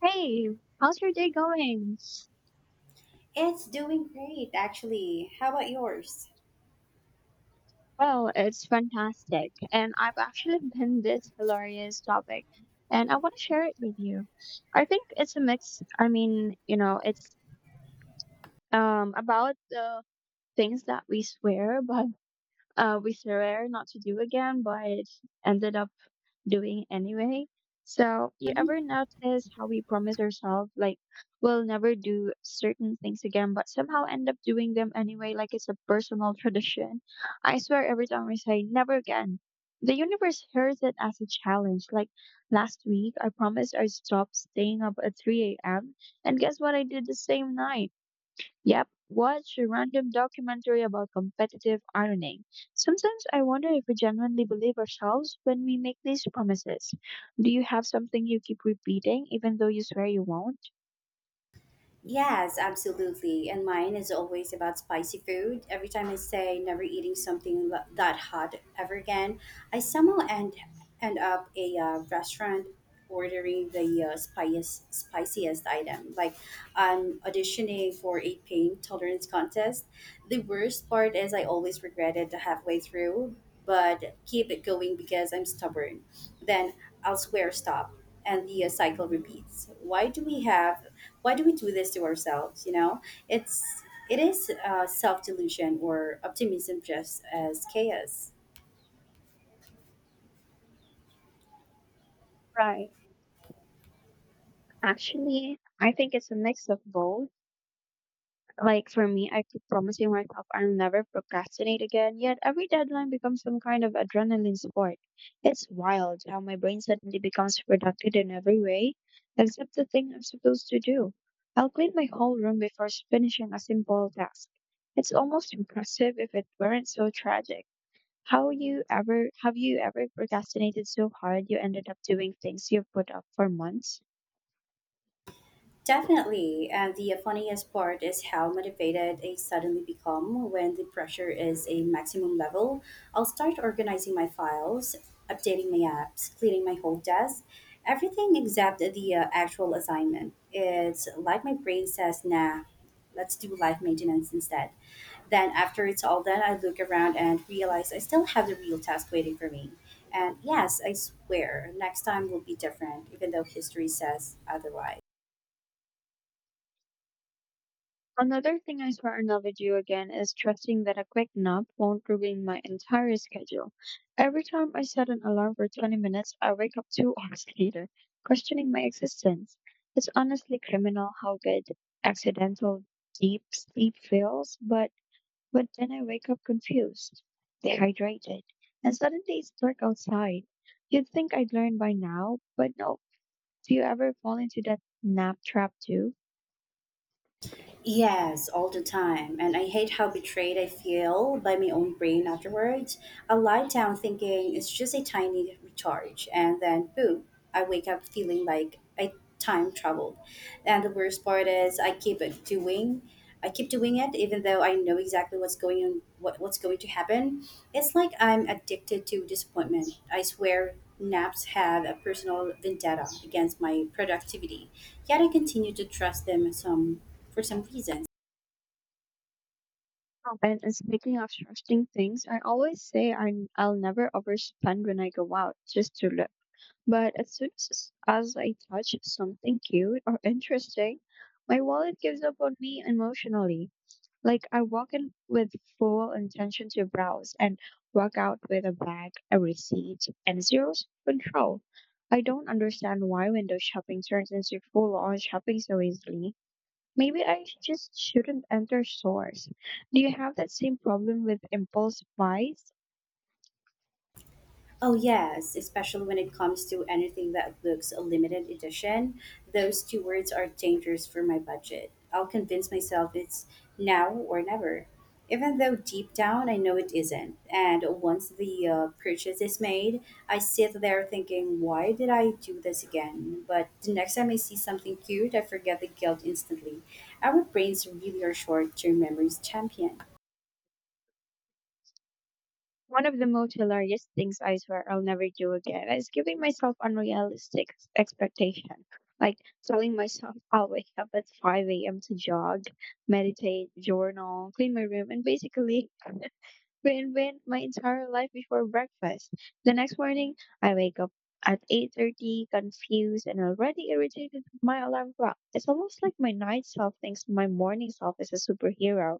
Hey, how's your day going? It's doing great, actually. How about yours? Well, it's fantastic, and I've actually been this hilarious topic, and I want to share it with you. I think it's a mix. I mean, you know, it's about the things that we swear, but we swear not to do again, but ended up doing anyway. So, you ever Mhm. notice how we promise ourselves, like, we'll never do certain things again, but somehow end up doing them anyway, like it's a personal tradition? I swear, every time we say never again, the universe hears it as a challenge. Like last week, I promised I'd stop staying up at 3 a.m., and guess what? I did the same night. Yep. Watch a random documentary about competitive ironing. Sometimes I wonder if we genuinely believe ourselves when we make these promises. Do you have something you keep repeating even though you swear you won't? Yes, absolutely. And mine is always about spicy food. Every time I say never eating something that hot ever again, I somehow end up a restaurant ordering the spiciest item. Like I'm auditioning for a pain tolerance contest. The worst part is I always regret it halfway through, but keep it going because I'm stubborn. Then I'll swear stop, and the cycle repeats. Why do we do this to ourselves? It's it is self delusion or optimism just as chaos. Right. Actually, I think it's a mix of both. Like for me, I keep promising myself I'll never procrastinate again, yet every deadline becomes some kind of adrenaline sport. It's wild how my brain suddenly becomes productive in every way, except the thing I'm supposed to do. I'll clean my whole room before finishing a simple task. It's almost impressive if it weren't so tragic. How you ever have you ever procrastinated so hard you ended up doing things you've put off for months? Definitely. And the funniest part is how motivated I suddenly become when the pressure is a maximum level. I'll start organizing my files, updating my apps, cleaning my whole desk, everything except the actual assignment. It's like my brain says, nah, let's do life maintenance instead. Then, after it's all done, I look around and realize I still have the real task waiting for me. And yes, I swear, next time will be different, even though history says otherwise. Another thing I swear I'll never do again is trusting that a quick nap won't ruin my entire schedule. Every time I set an alarm for 20 minutes, I wake up 2 hours later, questioning my existence. It's honestly criminal how good accidental deep sleep feels, but then I wake up confused, dehydrated, and suddenly it's dark outside. You'd think I'd learn by now, but no. Do you ever fall into that nap trap too? Yes, all the time. And I hate how betrayed I feel by my own brain afterwards. I lie down thinking it's just a tiny recharge, and then boom, I wake up feeling like I time traveled. And the worst part is I keep doing it even though I know exactly what's going on what's going to happen. It's like I'm addicted to disappointment. I swear naps have a personal vendetta against my productivity. Yet I continue to trust them some for some reason. Oh. And speaking of trusting things, I always say I'll never overspend when I go out just to look. But as soon as I touch something cute or interesting, my wallet gives up on me emotionally. Like I walk in with full intention to browse and walk out with a bag, a receipt, and zero control. I don't understand why window shopping turns into full on shopping so easily. Maybe I just shouldn't enter stores. Do you have that same problem with impulse buys? Oh yes, especially when it comes to anything that looks a limited edition. Those two words are dangerous for my budget. I'll convince myself it's now or never. Even though deep down I know it isn't. And once the purchase is made, I sit there thinking, why did I do this again? But the next time I see something cute, I forget the guilt instantly. Our brains really are short term memories champions. One of the most hilarious things I swear I'll never do again is giving myself unrealistic expectation. Like telling myself I'll wake up at 5 a.m. to jog, meditate, journal, clean my room, and basically reinvent my entire life before breakfast. The next morning, I wake up at 8:30, confused and already irritated with my alarm clock. It's almost like my night self thinks my morning self is a superhero.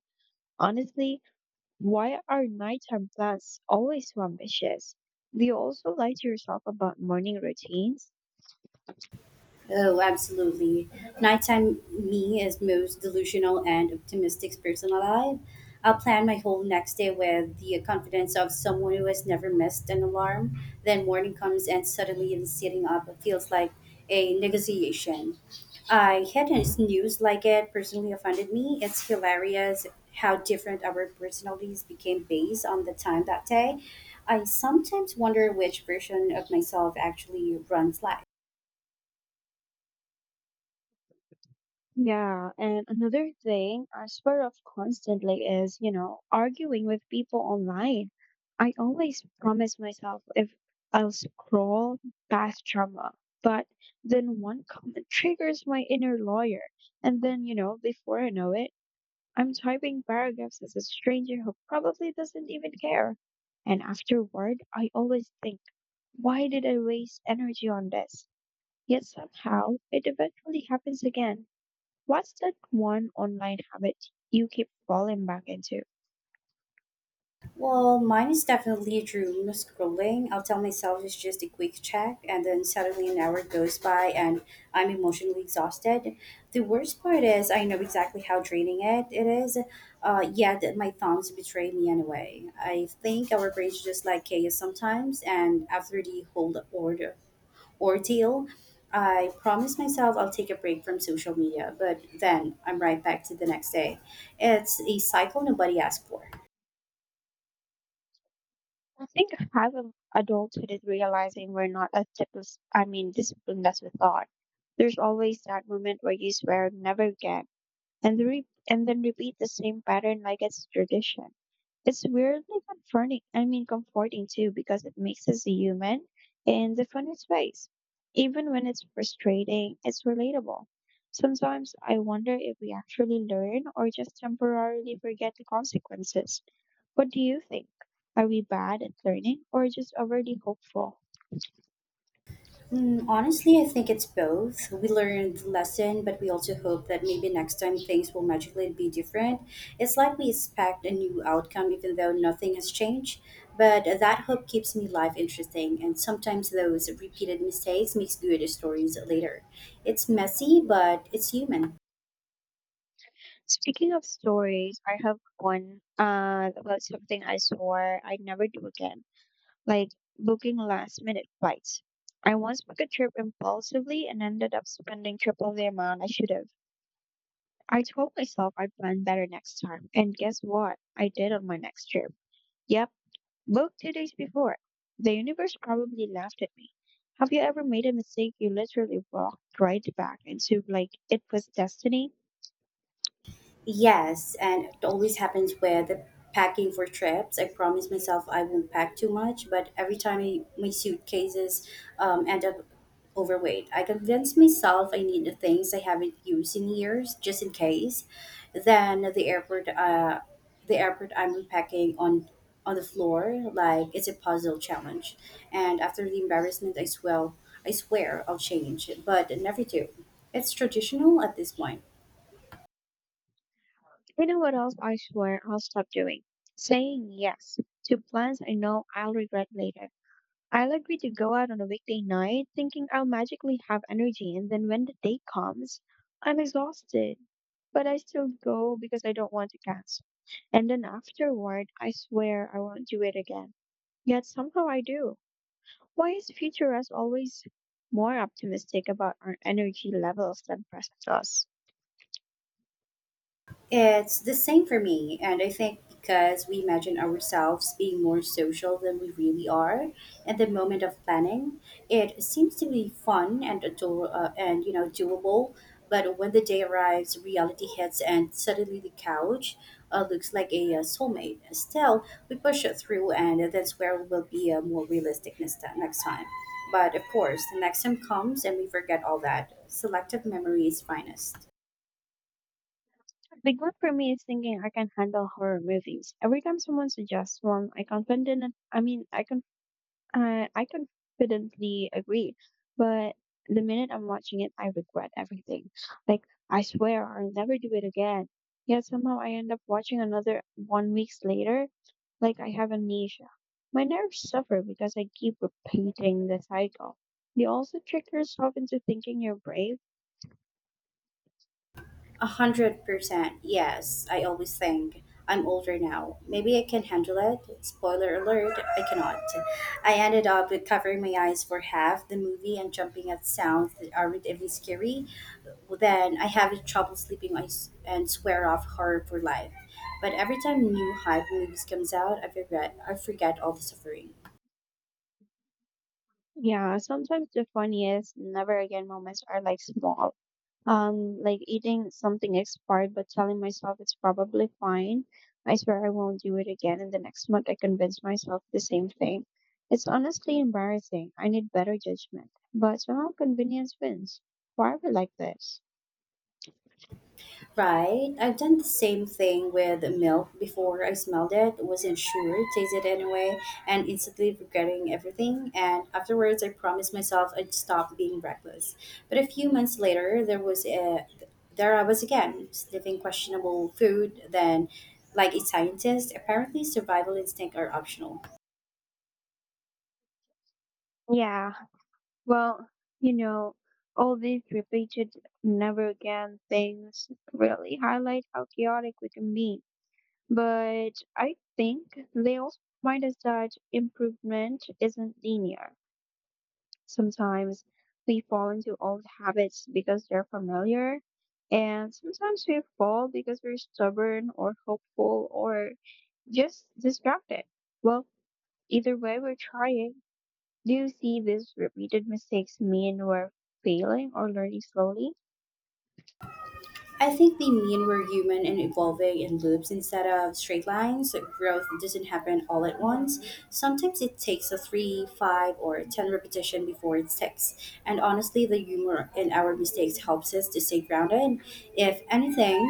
Honestly, why are nighttime plans always so ambitious? Do you also lie to yourself about morning routines? Oh, absolutely. Nighttime me is most delusional and optimistic person alive. I'll plan my whole next day with the confidence of someone who has never missed an alarm. Then morning comes and suddenly the sitting up feels like a negotiation. I had a snooze like it personally offended me. It's hilarious how different our personalities became based on the time that day. I sometimes wonder which version of myself actually runs life. Yeah, and another thing I swear off constantly is, you know, arguing with people online. I always promise myself if I'll scroll past drama, but then one comment triggers my inner lawyer. And then, you know, before I know it, I'm typing paragraphs as a stranger who probably doesn't even care. And afterward, I always think, why did I waste energy on this? Yet somehow it eventually happens again. What's that one online habit you keep falling back into? Well, mine is definitely doom scrolling. I'll tell myself it's just a quick check, and then suddenly an hour goes by and I'm emotionally exhausted. The worst part is I know exactly how draining it is, yet my thoughts betray me anyway. I think our brains just like chaos sometimes, and after the whole order ordeal, I promise myself I'll take a break from social media, but then I'm right back to the next day. It's a cycle nobody asked for. I think half of adulthood is realizing we're not as disciplined as we thought. There's always that moment where you swear never again, and then repeat the same pattern like it's tradition. It's weirdly comforting too, because it makes us human in the funniest ways. Even when it's frustrating, it's relatable. Sometimes I wonder if we actually learn or just temporarily forget the consequences. What do you think? Are we bad at learning or just overly hopeful? Honestly, I think it's both. We learned the lesson, but we also hope that maybe next time things will magically be different. It's like we expect a new outcome even though nothing has changed. But that hope keeps me life interesting, and sometimes those repeated mistakes makes good stories later. It's messy, but it's human. Speaking of stories, I have one about something I swore I'd never do again. Like booking last minute flights. I once booked a trip impulsively and ended up spending triple the amount I should have. I told myself I'd plan better next time, and guess what? I did on my next trip. Yep, booked 2 days before. The universe probably laughed at me. Have you ever made a mistake you literally walked right back into like it was destiny? Yes, and it always happens where the packing for trips. I promise myself I won't pack too much, but every time my suitcases end up overweight, I convince myself I need the things I haven't used in years just in case. Then at the airport I'm repacking on the floor like it's a puzzle challenge. And after the embarrassment, I swear I'll change, but I never do. It's traditional at this point. You know what else I swear I'll stop doing? Saying yes to plans I know I'll regret later. I'll agree to go out on a weekday night thinking I'll magically have energy, and then when the day comes, I'm exhausted. But I still go because I don't want to cancel. And then afterward, I swear I won't do it again. Yet somehow I do. Why is future us always more optimistic about our energy levels than present us? It's the same for me, and I think because we imagine ourselves being more social than we really are at the moment of planning, it seems to be fun and doable. But when the day arrives, reality hits, and suddenly the couch looks like a soulmate. Still, we push it through, and that's where we'll be more realistic next time. But of course, the next time comes, and we forget all that. Selective memory is finest. A big one for me is thinking I can handle horror movies. Every time someone suggests one, I confident I mean I confidently agree, but the minute I'm watching it, I regret everything. Like, I swear I'll never do it again. Yet somehow I end up watching another one weeks later, like I have amnesia. My nerves suffer because I keep repeating the cycle. The also trick yourself into thinking you're brave. 100%, yes. I always think I'm older now. Maybe I can handle it. Spoiler alert, I cannot. I ended up with covering my eyes for half the movie and jumping at sounds that aren't even scary. Then I have trouble sleeping and swear off horror for life. But every time new hype movies comes out, I forget all the suffering. Yeah, sometimes the funniest never again moments are like small. Like eating something expired but telling myself it's probably fine. I swear I won't do it again, and the next month I convince myself the same thing. It's honestly embarrassing. I need better judgment. But somehow convenience wins. Why are we like this? Right. I've done the same thing with milk before I smelled it, wasn't sure, tasted anyway, and instantly regretting everything. And afterwards, I promised myself I'd stop being reckless. But a few months later, there I was again, sniffing questionable food. Then, like a scientist, apparently survival instinct are optional. Yeah, well, you know, all these repeated never again things really highlight how chaotic we can be. But I think they also remind us that improvement isn't linear. Sometimes we fall into old habits because they're familiar, and sometimes we fall because we're stubborn or hopeful or just distracted. Well, either way, we're trying. Do you see these repeated mistakes mean we're failing or learning slowly? I think they mean we're human and evolving in loops instead of straight lines. So growth doesn't happen all at once. Sometimes it takes a three, five, or 10 repetition before it sticks. And honestly, the humor in our mistakes helps us to stay grounded. If anything,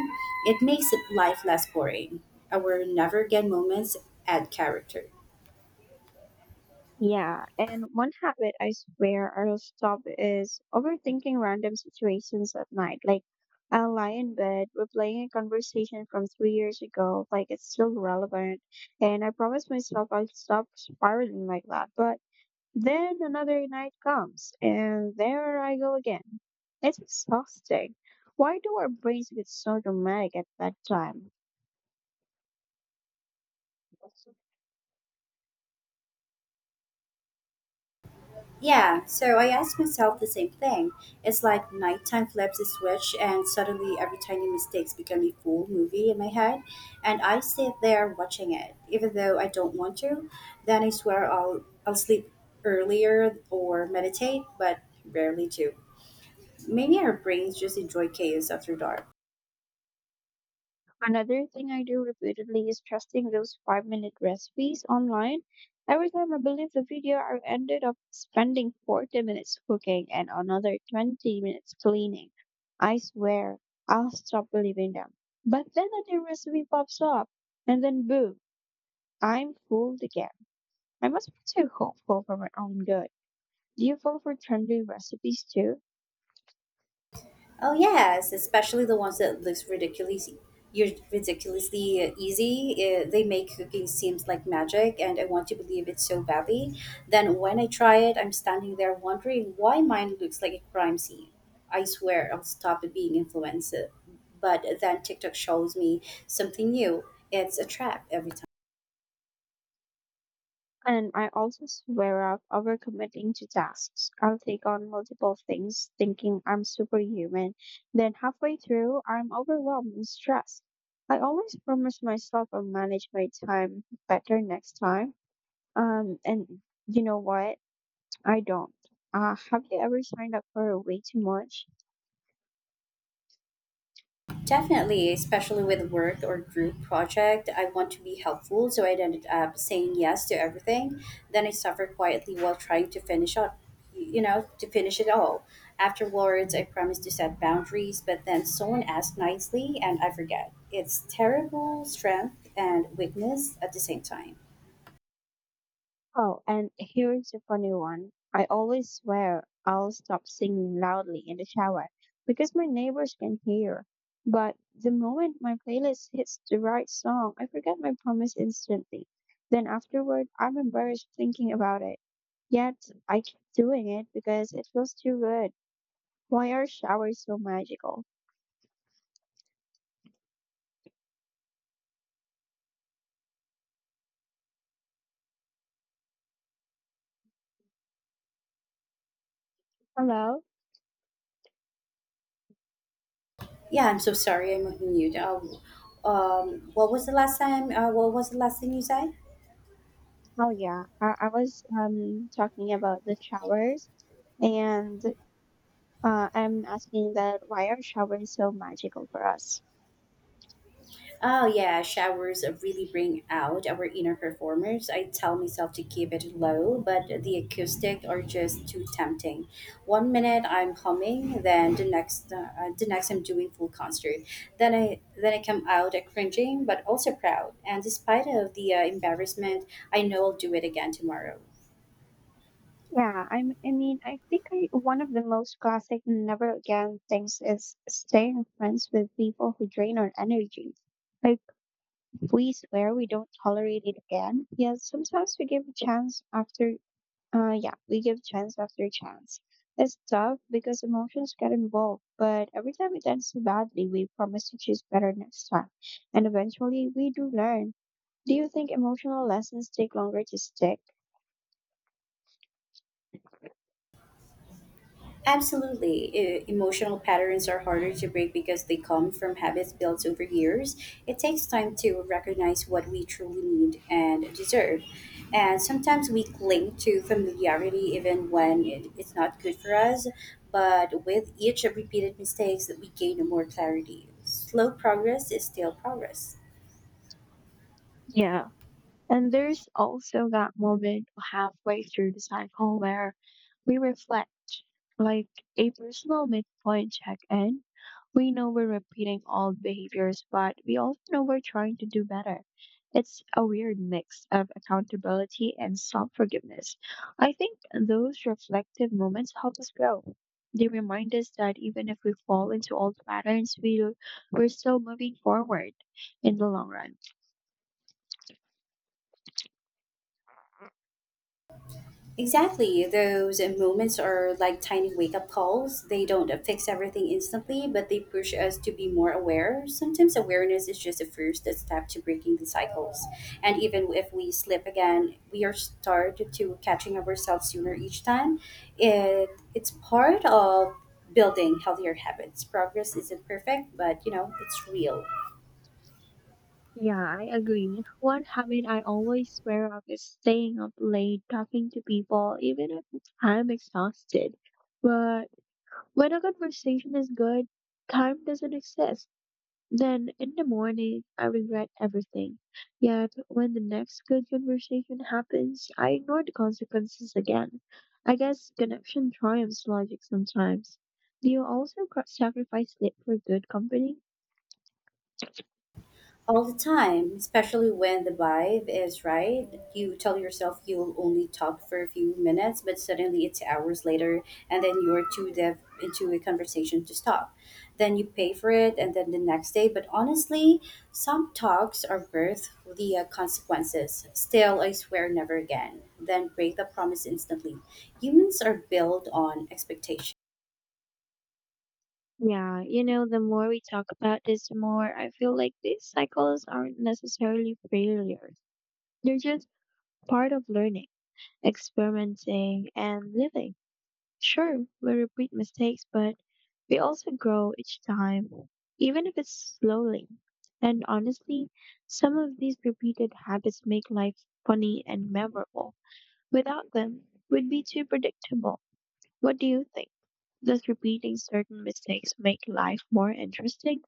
it makes life less boring. Our never again moments add character. Yeah, and one habit I swear I'll stop is overthinking random situations at night. Like, I'll lie in bed replaying a conversation from 3 years ago, like it's still relevant. And I promise myself I'll stop spiraling like that. But then another night comes, and there I go again. It's exhausting. Why do our brains get so dramatic at that time? Yeah, so I ask myself the same thing. It's like nighttime flips a switch, and suddenly every tiny mistake becomes a full movie in my head, and I sit there watching it, even though I don't want to. Then I swear I'll sleep earlier or meditate, but rarely do. Maybe our brains just enjoy chaos after dark. Another thing I do repeatedly is trusting those 5 minute recipes online. Every time I believe the video, I ended up spending 40 minutes cooking and another 20 minutes cleaning. I swear, I'll stop believing them. But then a new recipe pops up, and then boom, I'm fooled again. I must be too hopeful for my own good. Do you fall for trendy recipes too? Oh yes, especially the ones that looks ridiculously easy. They make cooking seems like magic, and I want to believe it so badly. Then when I try it, I'm standing there wondering why mine looks like a crime scene. I swear I'll stop being influenced, but then TikTok shows me something new. It's a trap every time. And I also swear off overcommitting to tasks. I'll take on multiple things thinking I'm superhuman. Then halfway through, I'm overwhelmed and stressed. I always promise myself I'll manage my time better next time. And you know what? I don't. Have you ever signed up for way too much? Definitely, especially with work or group project, I want to be helpful, so I ended up saying yes to everything. Then I suffer quietly while trying to finish up, to finish it all. Afterwards, I promised to set boundaries, but then someone asked nicely, and I forget. It's terrible strength and weakness at the same time. Oh, and here's a funny one. I always swear I'll stop singing loudly in the shower because my neighbors can hear. But the moment my playlist hits the right song, I forget my promise instantly. Then afterward, I'm embarrassed thinking about it. Yet I keep doing it because it feels too good. Why are showers so magical? Hello? Yeah, I'm so sorry. I'm on mute. What was the last time? What was the last thing you said? Oh yeah, I was talking about the showers and I'm asking that why are showers so magical for us? Oh yeah, showers really bring out our inner performers. I tell myself to keep it low, but the acoustic are just too tempting. One minute I'm humming, then the next I'm doing full concert. Then I come out cringing, but also proud. And despite of the embarrassment, I know I'll do it again tomorrow. Yeah, I'm, I mean, I think I, one of the most classic never again things is staying friends with people who drain our energy. Like, we swear we don't tolerate it again, yet sometimes we give a chance after yeah, we give chance after chance. It's tough because emotions get involved, but every time it ends so badly, we promise to choose better next time. And eventually, we do learn. Do you think emotional lessons take longer to stick? Absolutely. Emotional patterns are harder to break because they come from habits built over years. It takes time to recognize what we truly need and deserve. And sometimes we cling to familiarity even when it's not good for us. But with each repeated mistakes, we gain more clarity. Slow progress is still progress. Yeah, and there's also that moment halfway through the cycle where we reflect, like a personal midpoint check in. We know we're repeating old behaviors, but we also know we're trying to do better. It's a weird mix of accountability and self forgiveness. I think those reflective moments help us grow. They remind us that even if we fall into old patterns, we're still moving forward in the long run. Exactly. Those moments are like tiny wake up calls. They don't fix everything instantly, but they push us to be more aware. Sometimes awareness is just the first step to breaking the cycles. And even if we slip again, we are started to catching ourselves sooner each time. It it's part of building healthier habits. Progress isn't perfect, but it's real. Yeah, I agree. One habit I always swear off is staying up late talking to people, even if I'm exhausted. But when a conversation is good, time doesn't exist. Then in the morning, I regret everything. Yet when the next good conversation happens, I ignore the consequences again. I guess connection triumphs logic sometimes. Do you also sacrifice sleep for good company? All the time, especially when the vibe is right. You tell yourself you'll only talk for a few minutes, but suddenly it's hours later, and then you're too deep into a conversation to stop. Then you pay for it, and then the next day. But honestly, some talks are worth the consequences. Still, I swear never again. Then break the promise instantly. Humans are built on expectations. Yeah, you know, the more we talk about this, the more I feel like these cycles aren't necessarily failures. They're just part of learning, experimenting, and living. Sure, we repeat mistakes, but we also grow each time, even if it's slowly. And honestly, some of these repeated habits make life funny and memorable. Without them, we'd be too predictable. What do you think? Does repeating certain mistakes make life more interesting?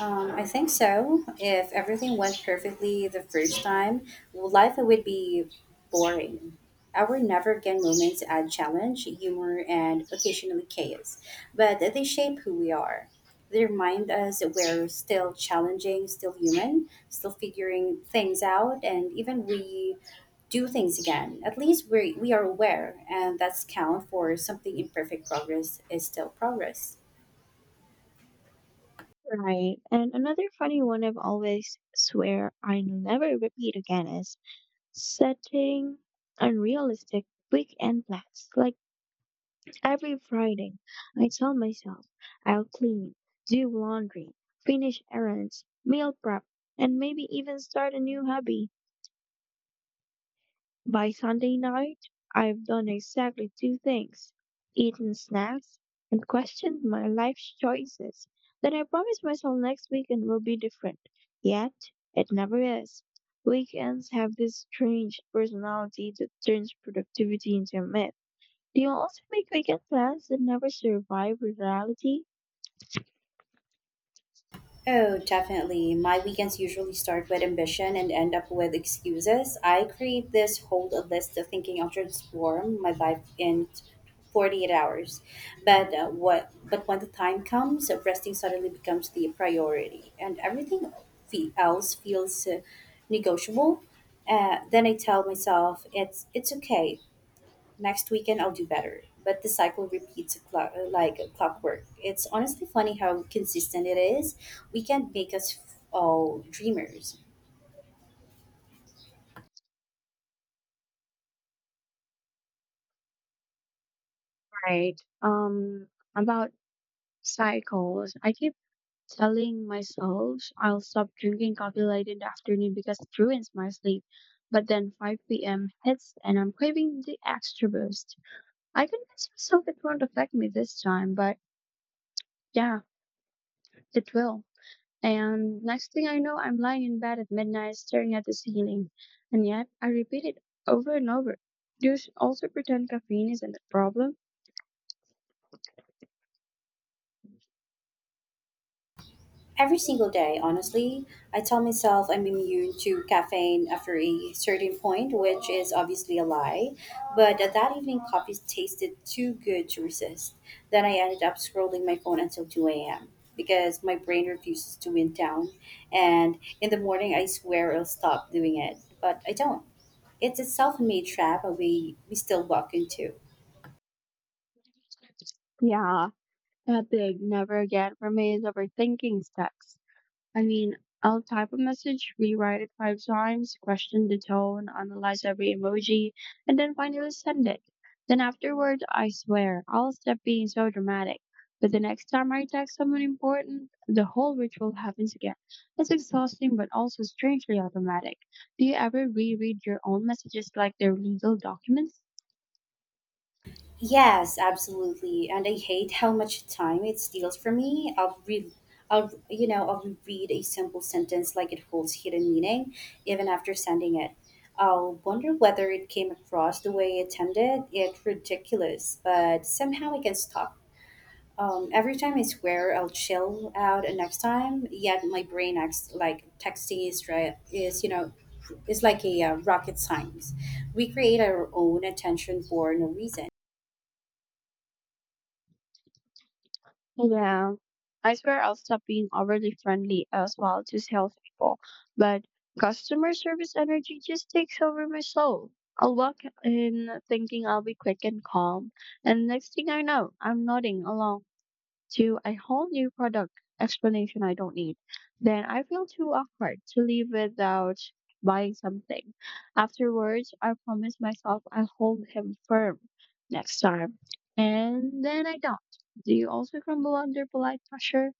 I think so. If everything went perfectly the first time, life would be boring. Our never again moments add challenge, humor, and occasionally chaos, but they shape who we are. They remind us that we're still challenging, still human, still figuring things out, and even we do things again. At least we are aware, and that's count for something imperfect progress is still progress. Right. And another funny one I've always swear I never repeat again is setting unrealistic weekend plans. Like every Friday, I tell myself I'll clean, do laundry, finish errands, meal prep, and maybe even start a new hobby. By Sunday night, I've done exactly two things eaten snacks and questioned my life choices. Then I promised myself next weekend will be different. Yet, it never is. Weekends have this strange personality that turns productivity into a myth. Do you also make weekend plans that never survive reality? Oh, definitely. My weekends usually start with ambition and end up with excuses. I create this whole list of thinking I'll transform my life in 48 hours. But what but when the time comes, resting suddenly becomes the priority and everything else feels negotiable. Then I tell myself it's okay next weekend I'll do better. But the cycle repeats like a clockwork. It's honestly funny how consistent it is. We can not make us all dreamers. Right. About cycles, I keep telling myself I'll stop drinking coffee late in the afternoon because it ruins my sleep. But then 5 p.m. hits and I'm craving the extra boost. I convince myself it won't affect me this time, but yeah, it will. And next thing I know, I'm lying in bed at midnight staring at the ceiling. And yet, I repeat it over and over. Do you also pretend caffeine isn't a problem? Every single day, honestly, I tell myself I'm immune to caffeine after a certain point, which is obviously a lie. But that evening, coffee tasted too good to resist. Then I ended up scrolling my phone until 2 a.m. because my brain refuses to wind down. And in the morning, I swear I'll stop doing it, but I don't. It's a self made trap that we still walk into. Yeah, that big never again for me is overthinking sex. I mean, I'll type a message, rewrite it 5 times, question the tone, analyze every emoji, and then finally send it. Then afterward, I swear, I'll stop being so dramatic. But the next time I text someone important, the whole ritual happens again. It's exhausting but also strangely automatic. Do you ever reread your own messages like they're legal documents? Yes, absolutely. And I hate how much time it steals from me. I'll read, I'll, you know, I'll read a simple sentence like it holds hidden meaning, even after sending it. I'll wonder whether it came across the way it intended. It's ridiculous, but somehow I can stop. Every time I swear I'll chill out and next time, yet my brain acts like texting is, right, is like a rocket science. We create our own attention for no reason. Yeah, I swear I'll stop being overly friendly as well to salespeople, but customer service energy just takes over my soul. I'll walk in thinking I'll be quick and calm, and next thing I know, I'm nodding along to a whole new product explanation I don't need, then I feel too awkward to leave without buying something. Afterwards, I promise myself I'll hold him firm next time. And then I don't. Do you also crumble under polite pressure?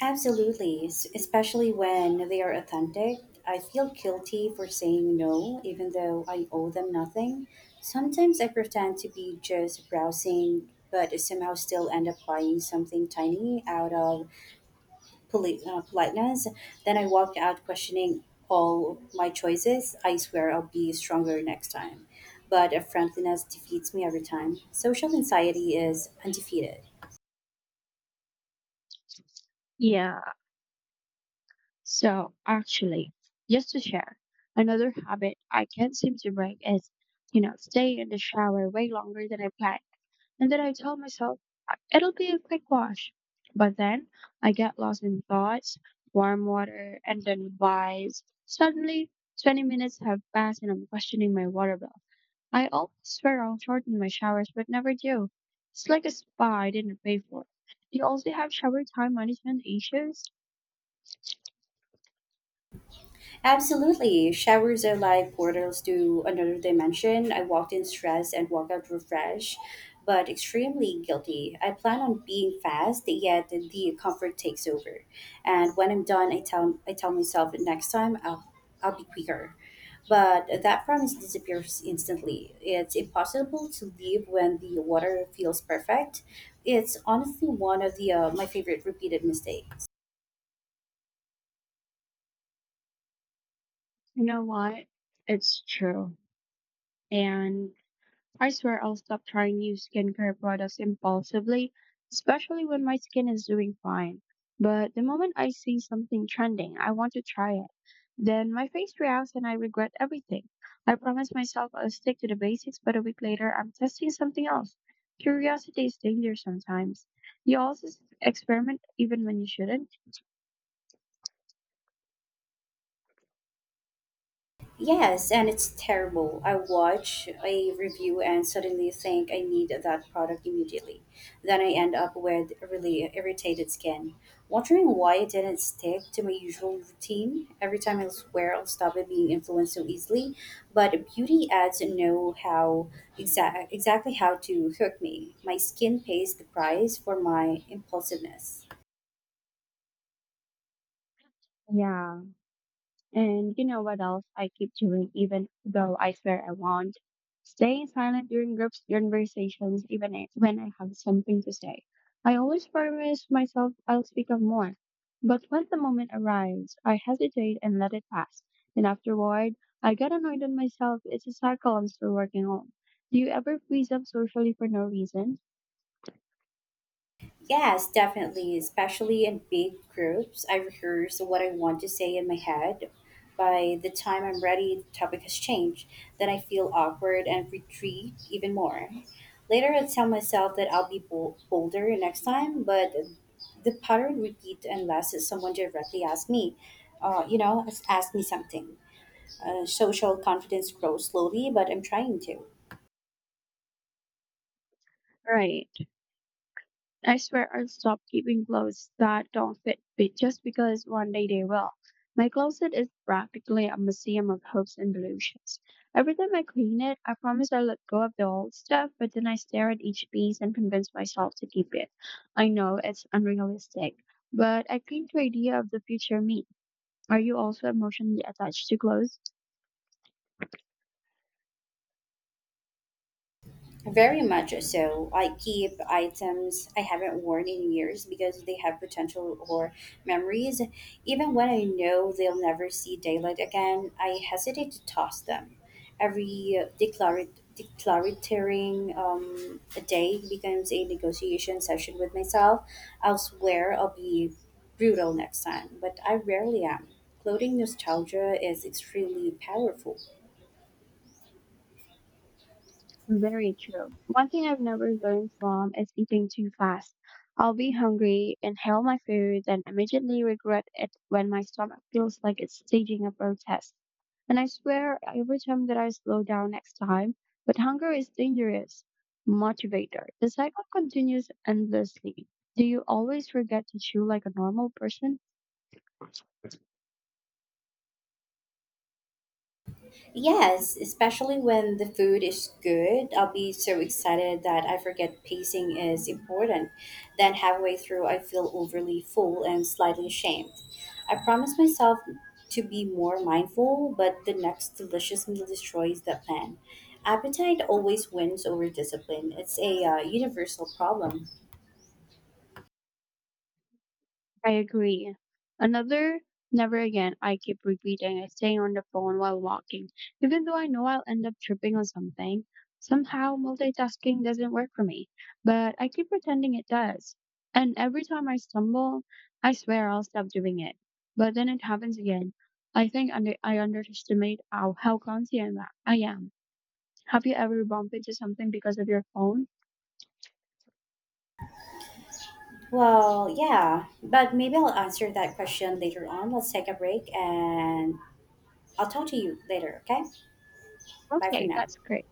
Absolutely, especially when they are authentic. I feel guilty for saying no, even though I owe them nothing. Sometimes I pretend to be just browsing, but somehow still end up buying something tiny out of politeness. Then I walk out questioning all my choices. I swear I'll be stronger next time. But a friendliness defeats me every time. Social anxiety is undefeated. Yeah. So, actually, just to share, another habit I can't seem to break is stay in the shower way longer than I planned. And then I tell myself, It'll be a quick wash. But then I get lost in thoughts, warm water, and then vibes. Suddenly, 20 minutes have passed and I'm questioning my water bill. I always swear I'll shorten my showers, but never do. It's like a spa I didn't pay for. Do you also have shower time management issues? Absolutely. Showers are like portals to another dimension. I walked in stressed and walked out refreshed, but extremely guilty. I plan on being fast, yet the comfort takes over. And when I'm done, I tell myself next time I'll be quicker. But that promise disappears instantly. It's impossible to leave when the water feels perfect. It's honestly one of the my favorite repeated mistakes. You know what? It's true. And I swear I'll stop trying new skincare products impulsively, especially when my skin is doing fine. But the moment I see something trending, I want to try it. Then my face reacts and I regret everything. I promise myself I'll stick to the basics, but a week later, I'm testing something else. Curiosity is dangerous sometimes. You also experiment even when you shouldn't. Yes, and it's terrible. I watch a review and suddenly think I need that product immediately. Then I end up with really irritated skin. Wondering why it didn't stick to my usual routine. Every time I swear I'll stop it being influenced so easily, but beauty ads know exactly how to hook me. My skin pays the price for my impulsiveness. Yeah. And you know what else I keep doing, even though I swear I won't? Staying silent during groups conversations, when I have something to say. I always promise myself I'll speak up more. But when the moment arrives, I hesitate and let it pass. And afterward, I get annoyed at myself. It's a cycle I'm still working on. Do you ever freeze up socially for no reason? Yes, definitely, especially in big groups. I rehearse what I want to say in my head. By the time I'm ready, the topic has changed. Then I feel awkward and retreat even more. Later, I tell myself that I'll be bolder next time, but the pattern repeats unless someone directly asks me, asks me something. Social confidence grows slowly, but I'm trying to. Right. I swear I stopped keeping clothes that don't fit me just because one day they will. My closet is practically a museum of hopes and delusions. Every time I clean it, I promise I let go of the old stuff, but then I stare at each piece and convince myself to keep it. I know it's unrealistic, but I cling to the idea of the future me. Are you also emotionally attached to clothes? Very much so. I keep items I haven't worn in years because they have potential or memories. Even when I know they'll never see daylight again, I hesitate to toss them. Every declaratory a day becomes a negotiation session with myself. I'll be brutal next time, but I rarely am. Clothing nostalgia is extremely powerful. Very true. One thing I've never learned from is eating too fast. I'll be hungry, inhale my food, and immediately regret it when my stomach feels like it's staging a protest. And I swear every time that I slow down next time, but hunger is dangerous. Motivator. The cycle continues endlessly. Do you always forget to chew like a normal person? Yes, especially when the food is good. I'll be so excited that I forget pacing is important. Then, halfway through, I feel overly full and slightly ashamed. I promise myself to be more mindful, but the next delicious meal destroys that plan. Appetite always wins over discipline. It's a universal problem. I agree. Another, never again, I keep repeating is staying on the phone while walking, even though I know I'll end up tripping on something. Somehow, multitasking doesn't work for me, but I keep pretending it does. And every time I stumble, I swear I'll stop doing it. But then it happens again. I underestimate how clumsy I am. Have you ever bumped into something because of your phone? Well, yeah, but maybe I'll answer that question later on. Let's take a break and I'll talk to you later, okay? Bye for Okay, now. that's great.